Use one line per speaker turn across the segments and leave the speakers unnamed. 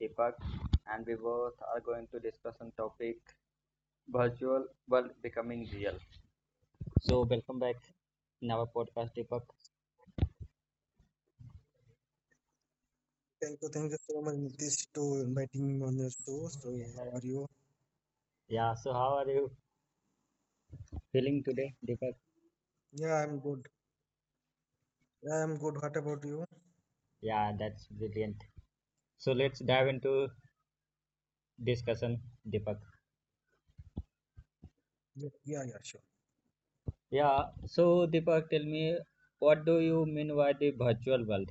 Deepak, and we both are going to discuss on topic virtual world becoming real. So welcome back in our podcast, Deepak.
Thank you so much, Nitish, to inviting me on your show. So, how are you?
Yeah. So how are you feeling today, Deepak?
Yeah, I'm good. Yeah, I'm good. What about you?
Yeah, that's brilliant. So let's dive into discussion, Deepak.
Yeah, yeah, yeah, sure.
Yeah. So Deepak, tell me, what do you mean by the virtual world?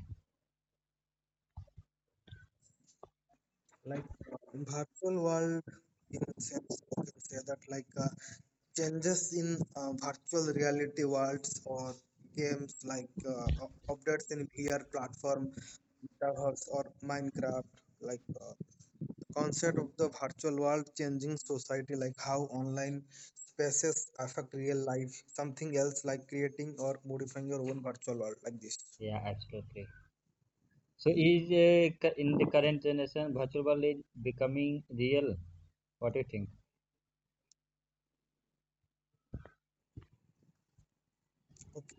Like, in virtual world, in a sense, you can say that like changes in virtual reality worlds or games like updates in VR platform, Metaverse or Minecraft, like concept of the virtual world changing society, like how online spaces affect real life, something else like creating or modifying your own virtual world, like this,
Yeah, absolutely. So is in the current generation virtual world is becoming real? What do you think?
okay.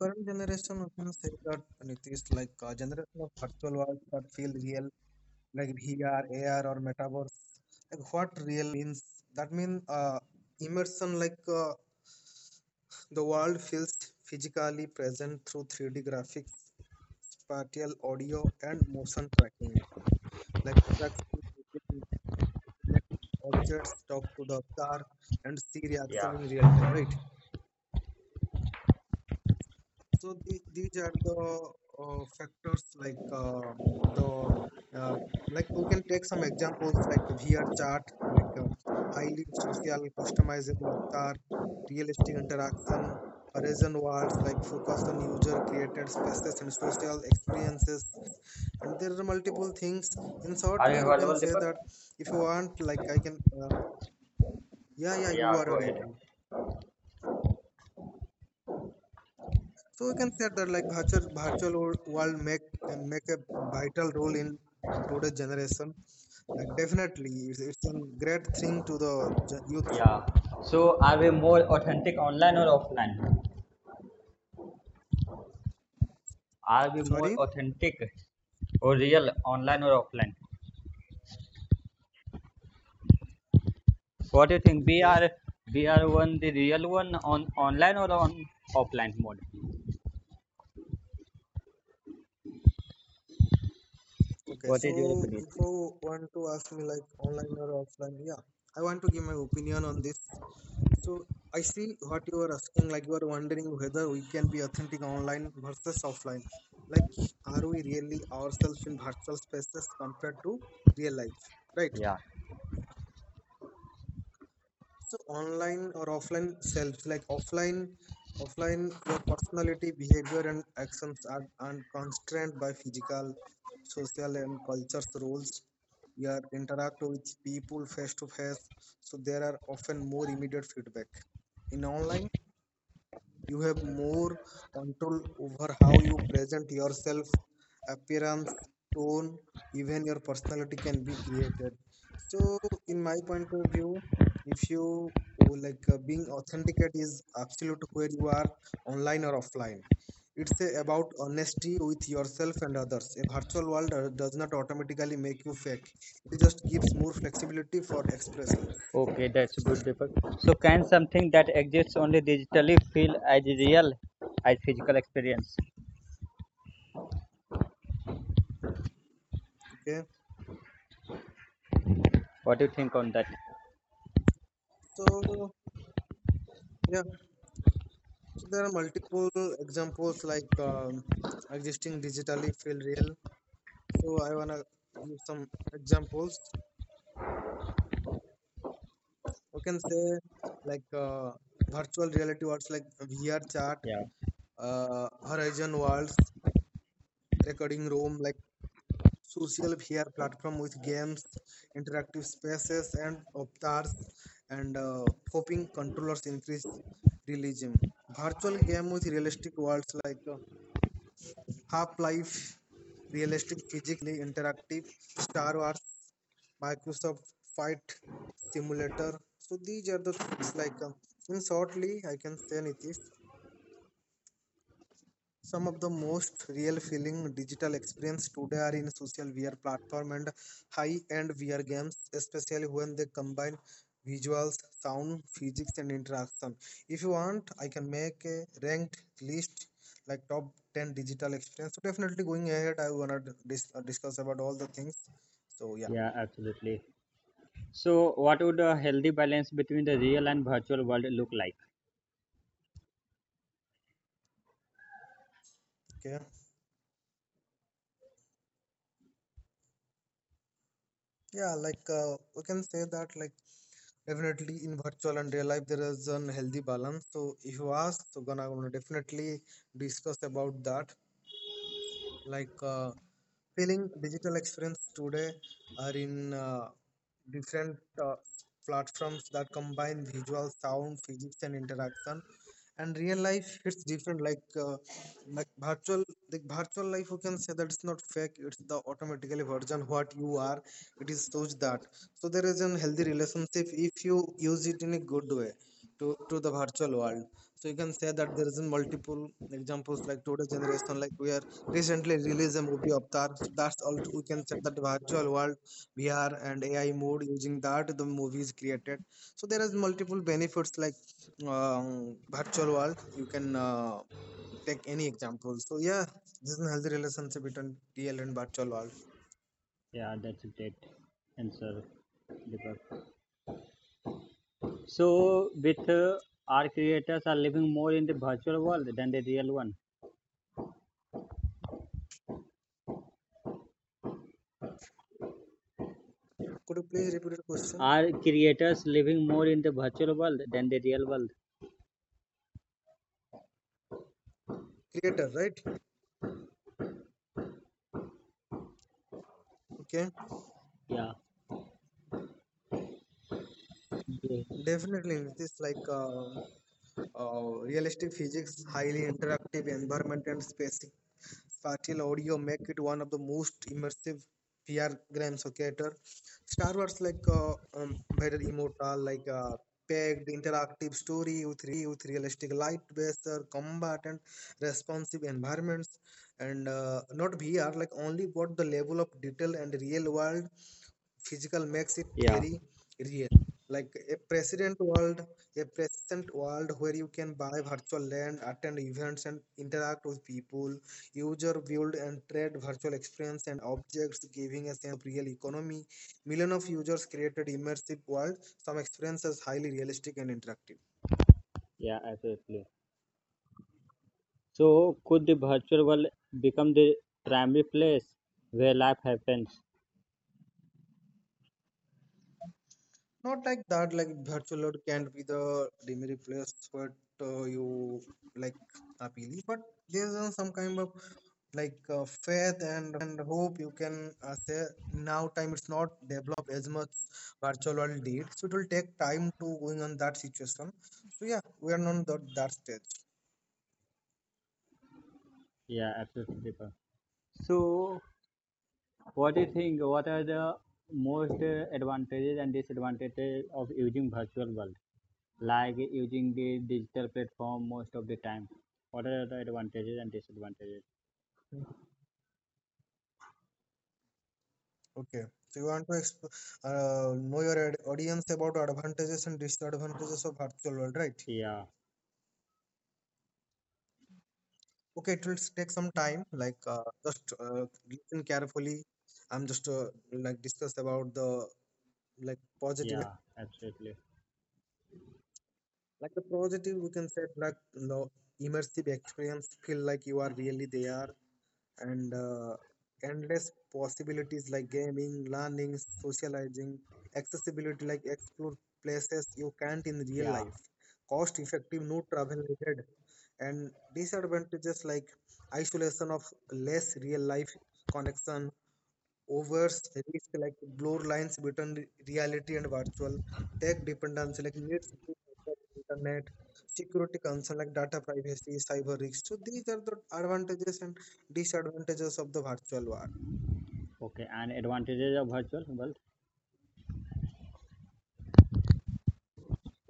Current generation, we can say that, Nitish, like a generation of virtual worlds that feel real like VR, AR or metaverse. Like what real means, that means, immersion, like the world feels physically present through 3D graphics, spatial audio and motion tracking, like interaction between objects, talk to the car and see reaction
Yeah.
in real time, right? So these are the factors, like the uh, like we can take some examples like VR chart, like highly social customizable avatar, realistic interaction, horizon walls like focus on user created spaces and social experiences, and there are multiple things. In
Are
shortly,
you
you can
available,
say
Deepak?
that if you want, like I can, yeah, yeah, you
Yeah,
are
go ahead.
audible. So we can say that like world make a vital role in today's generation. Like definitely, it's a great thing to the youth.
Yeah. So, are we more authentic online or offline? Are we more
Sorry.
authentic or real online or offline? What do you think? We
Okay.
are we are one the real one on online or on offline mode.
Okay.
What is your
So
opinion?
if you want to ask me like online or offline, yeah, I want to give my opinion on this. So I see what you are asking. Like you are wondering whether we can be authentic online versus offline. Like, are we really ourselves in virtual spaces compared to real life, right?
Yeah.
So online or offline selves, like offline, offline, your personality, behavior, and actions are constrained by physical, social, and cultures rules. You are interact with people face to face, so there are often more immediate feedback. In online, you have more control over how you present yourself, appearance, tone, even your personality can be created. So, in my point of view, if you oh, like being authenticate is absolute where you are online or offline. It's about honesty with yourself and others. A virtual world does not automatically make you fake. It just gives more flexibility for expressions.
Okay, that's a good, Deepak. So, can something that exists only digitally feel as real as physical experience?
Okay,
What do you think on that?
so yeah. There are multiple examples like existing digitally feel real. So I wanna give some examples. We can say like virtual reality worlds like VR chat,
Yeah,
Horizon worlds, recording room, like social VR platform with games, interactive spaces and avatars, and hoping controllers increase realism. Virtual game with realistic worlds like Half Life, realistic physics, highly interactive, Star Wars, Microsoft Flight Simulator. So these are the things like in shortly I can say anything, some of the most real feeling digital experience today are in social VR platform and high-end VR games, especially when they combine visuals, sound, physics, and interaction. If you want, I can make a ranked list like top 10 digital experience. So definitely going ahead, I wanna discuss about all the things. So yeah,
yeah, absolutely. So, what would a healthy balance between the real and virtual world look like?
okay, yeah, like we can say that like definitely in virtual and real life there is an healthy balance. So if you ask, so gonna, gonna definitely discuss about that. Like feeling digital experience today are in different uh, platforms that combine visual, sound, physics, and interaction. And real life, it's different. Like like virtual, like virtual life, you can say that it's not fake. It's the automatically version what you are. It is such that. So there is a healthy relationship if you use it in a good way to the virtual world. So you can say that there is in multiple examples like today generation, like we are recently released a movie Avatar. So that's all we can say that virtual world, VR and AI mode, using that the movie is created. So there is multiple benefits like virtual world. You can take any example. So yeah, this is a healthy relationship between real and virtual world.
Yeah, that's a great answer, Deepak. So, with our creators are living more in the virtual world than the real one.
Could you please repeat the question?
Are creators living more in the virtual world than the real world?
Creator, right? Okay,
Yeah.
definitely. It is like realistic physics, highly interactive environment, and spacey Fatil Audio make it one of the most immersive VR games of theater. Star Wars like better immortal, like packed interactive story with realistic light based combat and responsive environments, and not VR, like only what the level of detail and real world physical makes it
Yeah,
very real, like a present world, a present world where you can buy virtual land, attend events and interact with people, user build and trade virtual experience and objects, giving a sense of real economy, million of users created immersive world, some experiences highly realistic and interactive.
yeah, absolutely. So could the virtual world become the primary place where life happens?
Not like that, like virtual world can't be the primary place what you like appeal, but there's some kind of like faith and hope. You can say now time it's not developed as much virtual world did, so it will take time to going on that situation. So yeah, we are on that stage.
Yeah, absolutely, Deepak. So what do you think? What are the most advantages and disadvantages of using virtual world? Like using the digital platform most of the time. What are the advantages and disadvantages?
Okay, so you want to know your audience about advantages and disadvantages of virtual world, right?
Yeah,
Okay, it will take some time, like just listen carefully. I'm just like discuss about the like positive and
yeah,
negative, okay.
absolutely.
Like the positive we can say like the immersive experience feel like you are really there, and endless possibilities like gaming, learning, socializing, accessibility like explore places you can't in real
Yeah.
life, cost effective, no travel needed. And disadvantages like isolation of less real life connection, overs risk like blur lines between reality and virtual, tech dependency like needs internet, security concern like data privacy, cyber risk. So these are the advantages and disadvantages of the virtual world.
Okay. And advantages of virtual world?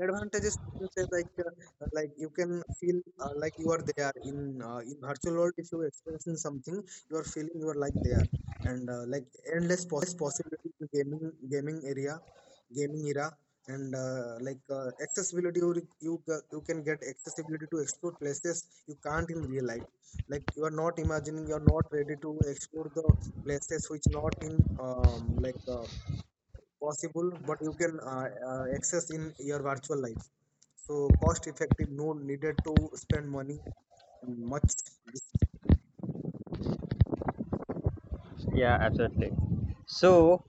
Advantages you can say like like you can feel like you are there in virtual world. If you are experiencing something, you are feeling you are like there, and like endless possibilities in gaming, gaming area, gaming era, and like accessibility. You you can get accessibility to explore places you can't in real life, like you are not imagining, you are not ready to explore the places which not in um, like uh, possible, but you can access in your virtual life. So cost effective, no needed to spend money much.
Yeah, absolutely. So,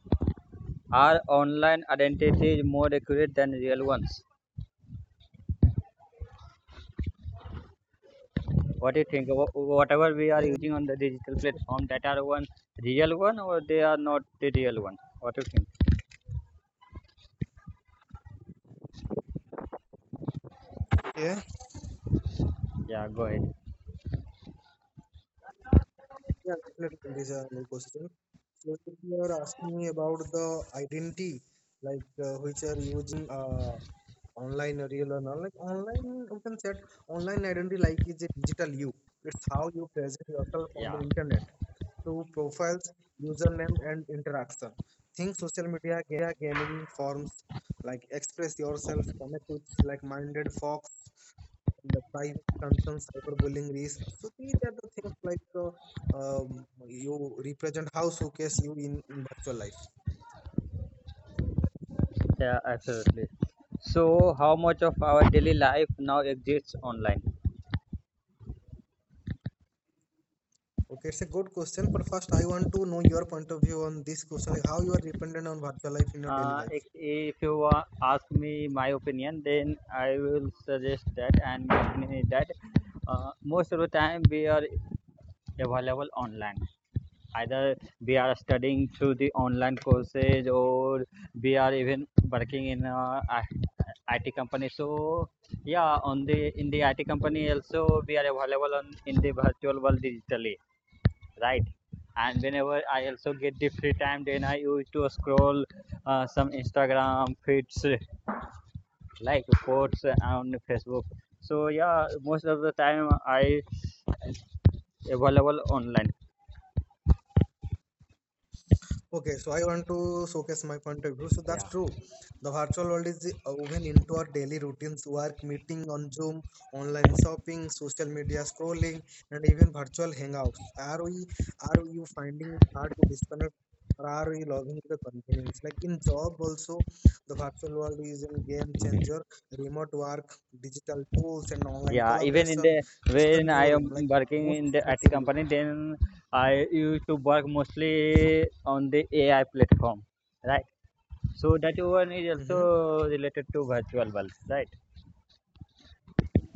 are online identities more accurate than real ones? What do you think? Whatever we are using
Um,
on the digital platform, that are one real one or they are not the real one? What do you think?
yeah,
Yeah, go ahead.
yeah, definitely. This is a good question. So if you are asking me about the identity, like which are using online, or real or not, like online, you can set online identity like is a digital you. It's how you present yourself on
Yeah,
the internet through profiles, username, and interaction. Think social media gaming forms like express yourself, connect with like minded folks, and the private concerns, cyberbullying risk. So these are the things like you represent how showcase you in virtual life.
yeah, absolutely. So, how much of our daily life now exists online?
Okay, it's a good question, but first I want to know your point of view on this question, like how you are dependent on virtual life in your daily
If,
life.
if you ask me my opinion, then I will suggest that, and my opinion is that most of the time we are available online, either we are studying through the online
Hmm?
courses or we are even working in IT company. So yeah, on the in the IT company also we are available on in the virtual world digitally, right? And whenever I also get the free time, then I used to scroll some Instagram feeds like quotes and Facebook. So yeah, most of the time I available online.
Okay, so I want to showcase my point of view. So
Yeah.
that's true. The virtual world is the woven into our daily routines, work, meeting on Zoom, online shopping, social media scrolling, and even virtual hangouts. Are we are you finding it hard to disconnect, or are we logging to the convenience? Like in job also, the virtual world is a game changer, remote work, digital tools, and online
Yeah, even in the
collaboration. It's the
when I
new room,
am
like
working
most
in the IT company,
flexibility.
then I used to work mostly on the AI platform, right? So that one is also
Mm-hmm.
related to virtual worlds, right?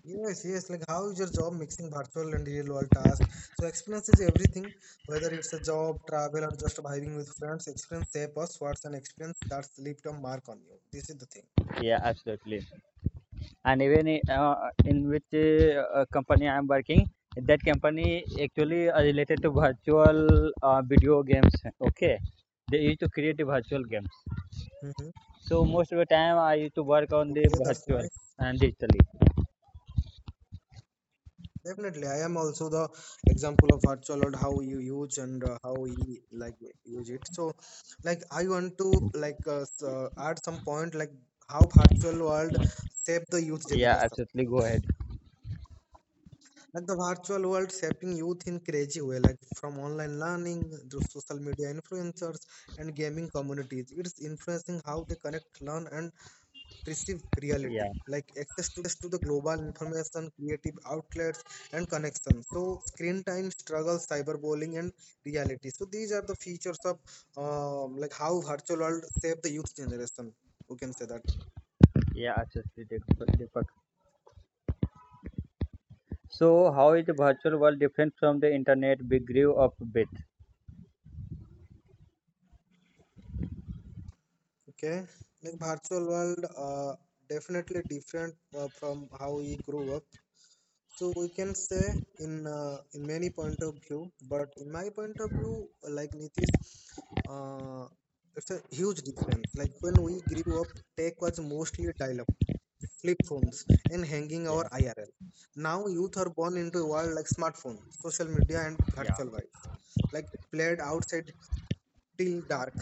Yes, yes. Like, how is your job mixing virtual and real world tasks? So, experience is everything. Whether it's a job, travel, or just vibing with friends, experience shape us. What's an experience that's left a mark on you? This is the thing.
Yeah, absolutely. And even in which company I am working, that company actually are related to virtual video games. Okay, they used to create the virtual games.
Mm-hmm.
So most of the time, I used to work on the
Okay, that's
virtual
nice.
and digitally.
Definitely, I am also the example of virtual world, how you use and how we like use it. So, like, I want to like add some point like how virtual world shape the youth
Yeah,
generation.
absolutely. Go ahead.
Like the virtual world shaping youth in crazy way, like from online learning to social media influencers and gaming communities. It's influencing how they connect, learn, and perceive reality.
Yeah,
Like access to the global information, creative outlets, and connections. So screen time, struggle, cyberbullying, and reality. So these are the features of like how virtual world shape the youth generation, we can say that.
yeah, absolutely, Deepak. Deepak. So, how is the virtual world different from the internet we grew up with?
Okay, like virtual world definitely different from how we grew up. So we can say in many point of view, but in my point of view, like Nitish, uh, it's a huge difference. Like when we grew up, tech was mostly dial-up, flip phones, and hanging our
Yeah,
IRL. Now youth are born into a world like smartphone, social media, and
yeah,
virtual vibes. Like played outside till dark.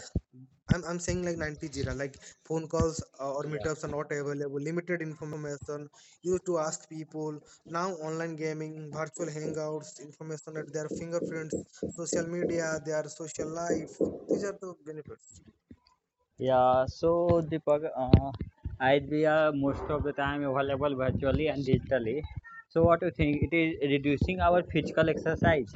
I'm saying like 90 Jira, like phone calls or
yeah,
meetups are not available, limited information, used to ask people. Now, online gaming, virtual hangouts, information at their fingerprints, social media, their social life. These are the benefits.
yeah. So, Deepak, I we are most of the time available virtually and digitally. So, what do you think? It is reducing our physical exercise.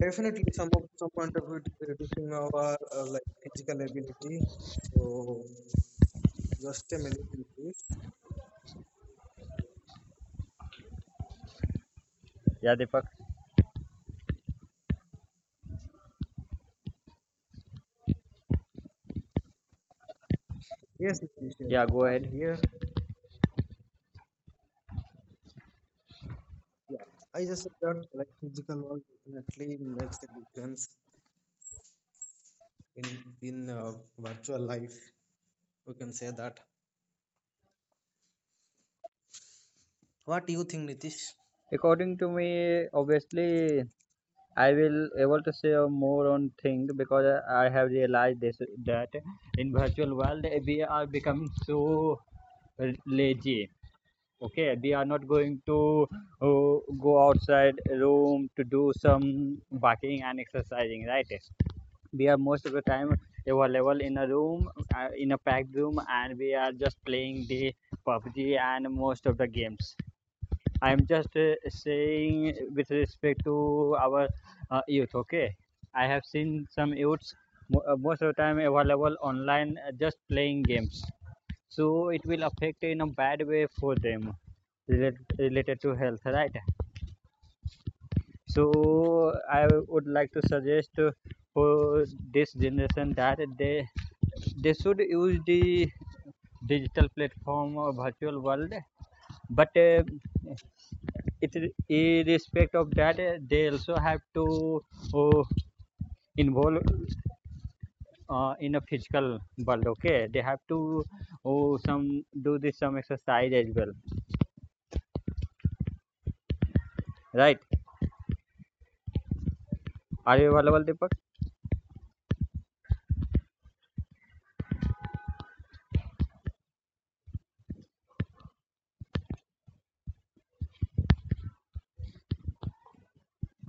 Definitely, some of some point of view, it is reducing our like physical ability. So, just a minute, please.
Yeah, Deepak.
Yes, it is, yes.
Yeah, go ahead.
I'm here. Yeah, I just think that like physical world definitely makes a difference in in virtual life, we can say that. What do you think, Nitish?
According to me, obviously, I will able to say more on thing, because I have realized this that in virtual world, we are becoming so lazy. Okay, we are not going to go outside room to do some walking and exercising, right? We are most of the time available in a packed room, and we are just playing the PUBG and most of the games. I am just saying with respect to our youth. Okay, I have seen some youths most of the time available online, just playing games. So it will affect in a bad way for them related to health, right? So I would like to suggest for this generation that they should use the digital platform or virtual world, but. It Irrespective of that, they also have to oh, involve in a physical world. Okay, they have to oh, some do this some exercise as well, right? Are you available, Deepak?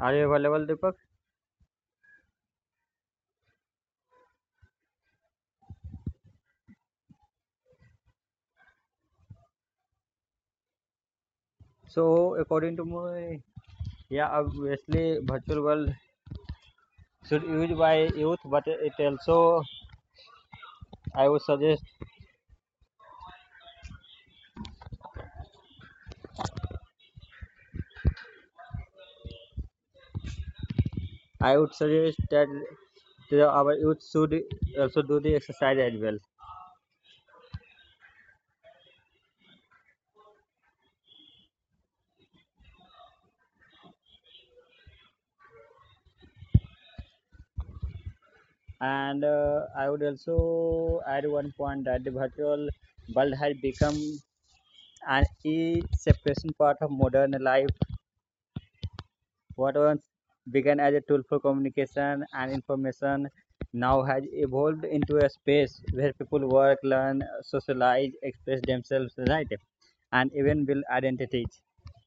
Are you available, Deepak? So according to my, yeah, obviously virtual world should used by youth, but it also, i would suggest I would suggest that our youth should also do the exercise as well. And I would also add one point that the virtual world has become an e separation part of modern life. What once began as a tool for communication and information now has evolved into a space where people work, learn, socialize, express themselves, right? And even build identities.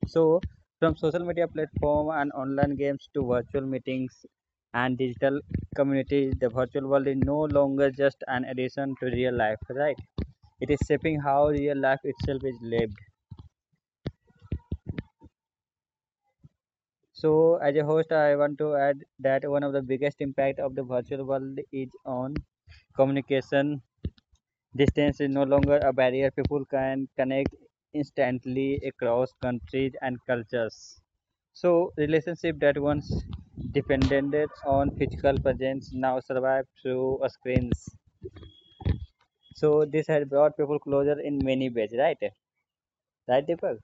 So, from social media platform and online games to virtual meetings and digital communities, the virtual world is no longer just an addition to real life, right? It is shaping how real life itself is lived. So, as a host, I want to add that one of the biggest impact of the virtual world is on communication. Distance is no longer a barrier. People can connect instantly across countries and cultures. So, relationship that once depended on physical presence now survive through screens. So, this has brought people closer in many ways, right? Right, Deepak?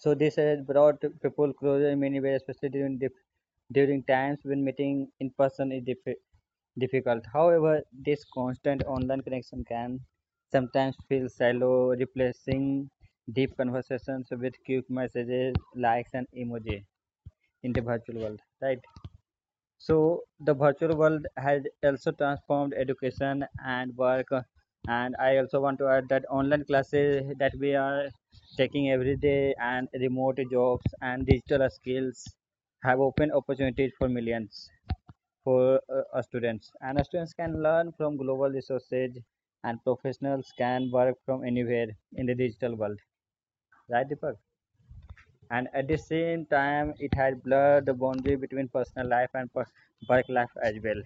So this has brought people closer in many ways, especially during during times when meeting in person is difficult. However, this constant online connection can sometimes feel shallow, replacing deep conversations with quick messages, likes, and emoji in the virtual world. Right? So the virtual world has also transformed education and work. And I also want to add that online classes that we are taking every day and remote jobs and digital skills have opened opportunities for millions for students. And students can learn from global resources, and professionals can work from anywhere in the digital world. Right, Deepak? And at the same time, it has blurred the boundary between personal life and work life as well.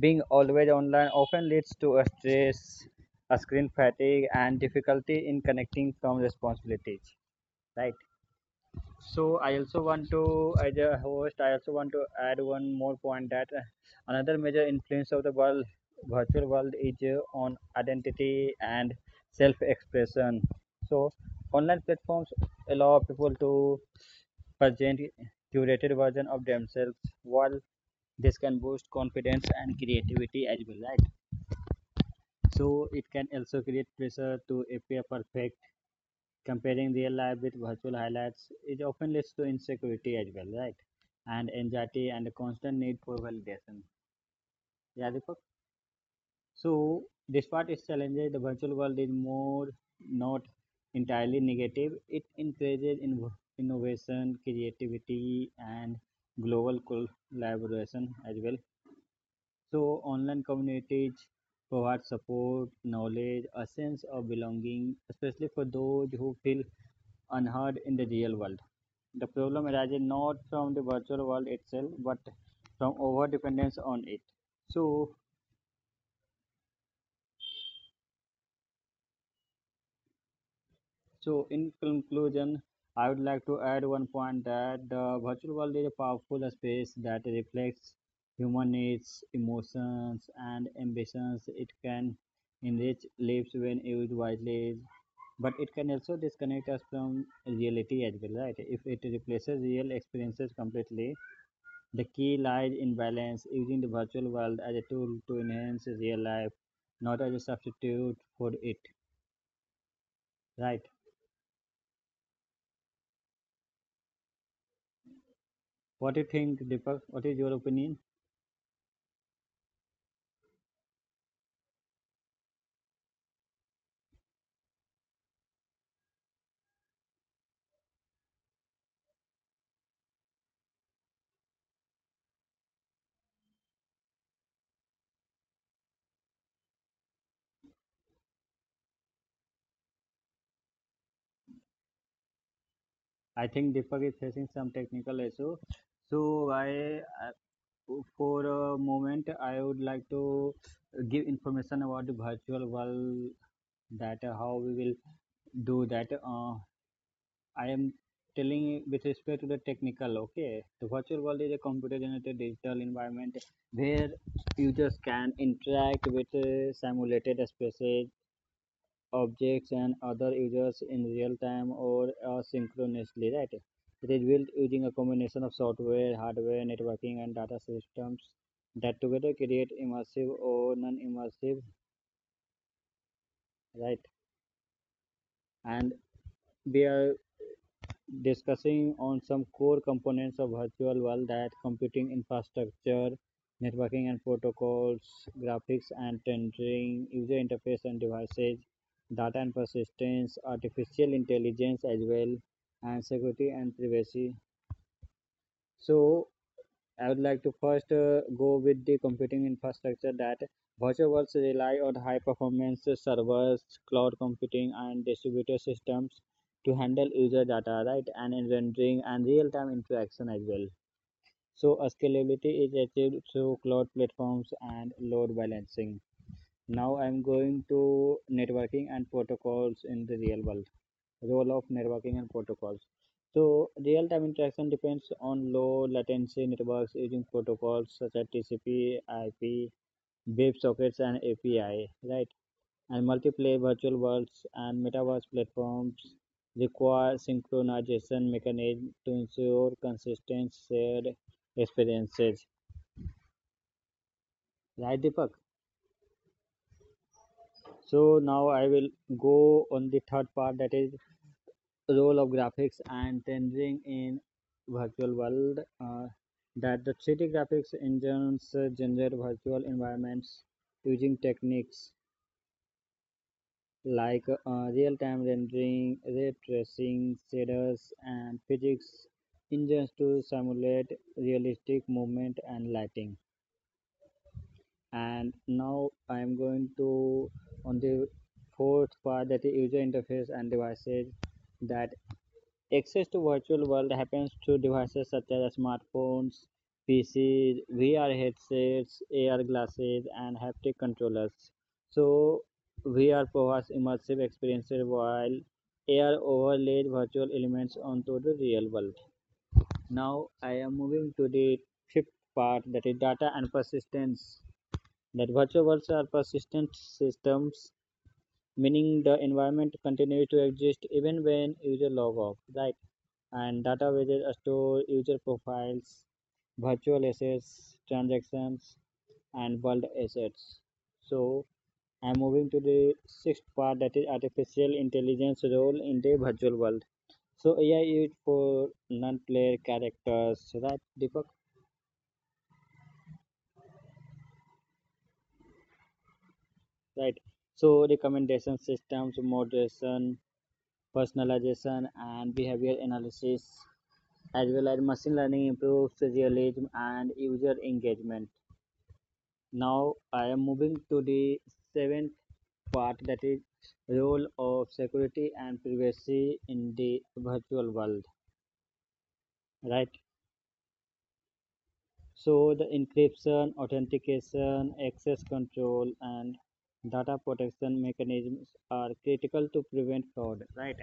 Being always online often leads to a stress, a screen fatigue, and difficulty in connecting from responsibilities. Right. So I also want to, as a host, I also want to add one more point that another major influence of the world, virtual world, is on identity and self-expression. So online platforms allow people to present curated version of themselves. While this can boost confidence and creativity as well, right, so it can also create pressure to appear perfect. Comparing real life with virtual highlights, it often leads to insecurity as well, right? And anxiety and a constant need for validation. Yeah, Deepak? So despite its challenges, the virtual world is more not entirely negative. It encourages innovation, creativity, and global collaboration as well. So, online communities provide support, knowledge, a sense of belonging, especially for those who feel unheard in the real world. The problem arises not from the virtual world itself, but from over dependence on it. So, so, in conclusion, I would like to add one point that the virtual world is a powerful space that reflects human needs, emotions, and ambitions. It can enrich lives when used wisely, but it can also disconnect us from reality as well, right? If it replaces real experiences completely, the key lies in balance, using the virtual world as a tool to enhance real life, not as a substitute for it, right? What do you think, Deepak? What is your opinion? I think Deepak is facing some technical issue. So i I- for a moment I would like to give information about the virtual world, that how we will do that. Uh, I am telling you with respect to the technical, okay? The virtual world is a computer generated digital environment where users can interact with simulated spaces, objects, and other users in real time or synchronously, right? It is built using a combination of software, hardware, networking, and data systems that together create immersive or non immersive, right? And we are discussing on some core components of virtual world, that computing infrastructure, networking and protocols, graphics and rendering, user interface and devices, data and persistence, artificial intelligence as well, and security and privacy. So I would like to first go with the computing infrastructure, that virtual worlds rely on high performance servers, cloud computing, and distributed systems to handle user data, right, and inventorying and real time interaction as well. So, scalability is achieved through cloud platforms and load balancing. Now, I'm going to networking and protocols in the real world, role of networking and protocols. So real-time interaction depends on low latency networks using protocols such as TCP, IP, WebSockets, and API, right? And multiplayer virtual worlds and metaverse platforms require synchronization mechanism to ensure consistent shared experiences. Right, Deepak? So now I will go on the third part, that is role of graphics and rendering in virtual world, that the 3D graphics engines generate virtual environments using techniques like real-time rendering, ray tracing, shaders, and physics engines to simulate realistic movement and lighting. And now I am going to on the fourth part, that is user interface and devices, that access to virtual world happens through devices such as smartphones, PCs, VR headsets, AR glasses, and haptic controllers. So VR provides immersive experiences while AR overlays virtual elements onto the real world. Now I am moving to the fifth part, that is data and persistence. That virtual worlds are persistent systems, meaning the environment continues to exist even when user log off. Right, and data databases store user profiles, virtual assets, transactions, and world assets. So I'm moving to the sixth part, that is artificial intelligence role in the virtual world. So AI used for non-player characters, right? Deepak, right? So recommendation systems, moderation, personalization, and behavior analysis, as well as machine learning improves realism and user engagement. Now I am moving to the seventh part, that is role of security and privacy in the virtual world, right? So the encryption, authentication, access control and data protection mechanisms are critical to prevent fraud, right?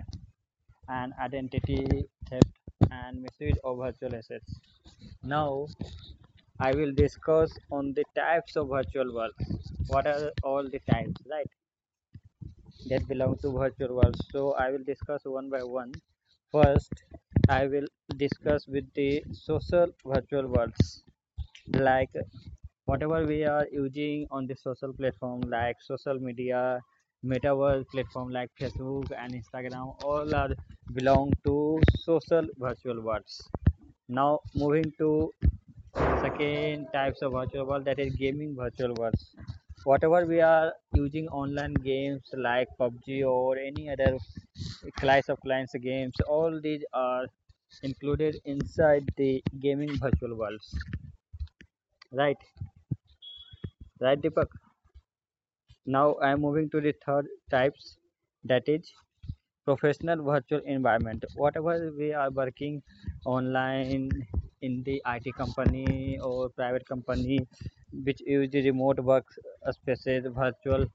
And identity theft and misuse of virtual assets. Now I will discuss on the types of virtual worlds. What are all the types, right, that belong to virtual world? So I will discuss one by one. First, I will discuss with the social virtual worlds, like whatever we are using on the social platform, like social media, metaverse platform like Facebook and Instagram, all are belong to social virtual worlds. Now moving to second types of virtual world, that is gaming virtual worlds. Whatever we are using online games like PUBG or any other class of clients games, all these are included inside the gaming virtual worlds. Right, right, Deepak. Now I am moving to the third types, that is professional virtual environment, whatever we are working online in the IT company or private company which use the remote work spaces virtual,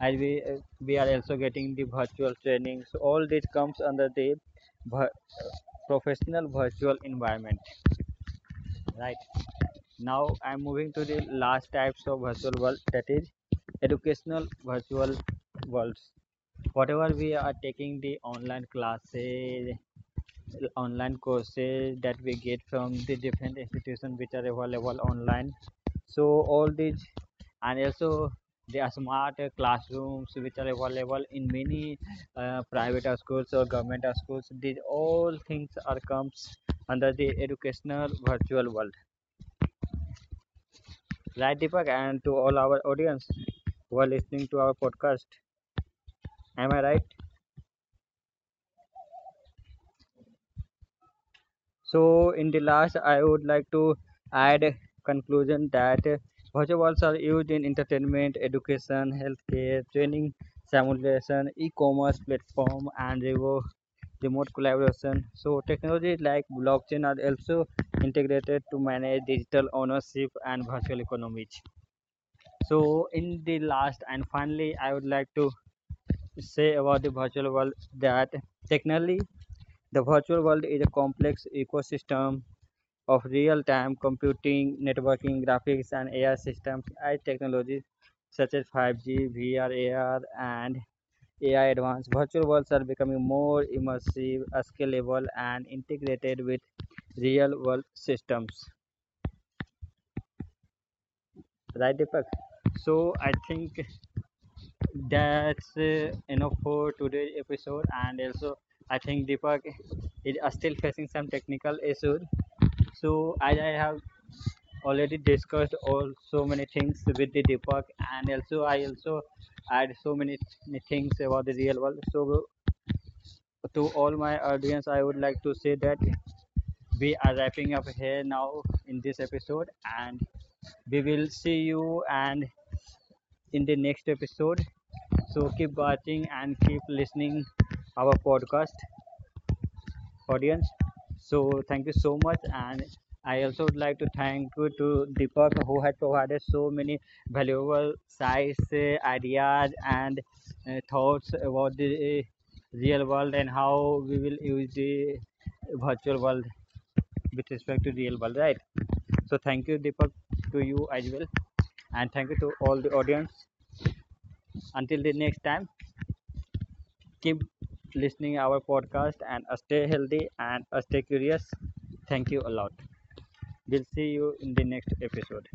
and we are also getting the virtual training, so all this comes under the professional virtual environment. Right, now I'm moving to the last types of virtual world, that is educational virtual worlds, whatever we are taking the online classes, online courses that we get from the different institutions which are available online. So all these, and also there are smart classrooms which are available in many private schools or government schools. These all things are comes under the educational virtual world. Right, Deepak, and to all our audience who are listening to our podcast. Am I right? So in the last, I would like to add a conclusion that virtuals are used in entertainment, education, healthcare, training, simulation, e-commerce platform, and remote collaboration. So technology like blockchain are also integrated to manage digital ownership and virtual economies. So in the last and finally, I would like to say about the virtual world that technically the virtual world is a complex ecosystem of real-time computing, networking, graphics, and AI systems. As technologies such as 5G, VR, AR, and AI advanced, virtual worlds are becoming more immersive, scalable, and integrated with real-world systems. Right, Deepak? So I think that's enough for today's episode, and also I think Deepak is still facing some technical issues. So as I have already discussed all so many things with the Deepak, and also I also add so many things about the real world. So to all my audience, I would like to say that we are wrapping up here now in this episode, and we will see you and in the next episode. So keep watching and keep listening our podcast. Audience, so thank you so much, and I also would like to thank you to Deepak who had provided so many valuable sites, ideas, and thoughts about the real world and how we will use the virtual world with respect to real world, right? So thank you, Deepak, to you as well, and thank you to all the audience. Until the next time, keep listening our podcast and stay healthy and stay curious. Thank you a lot. We'll see you in the next episode.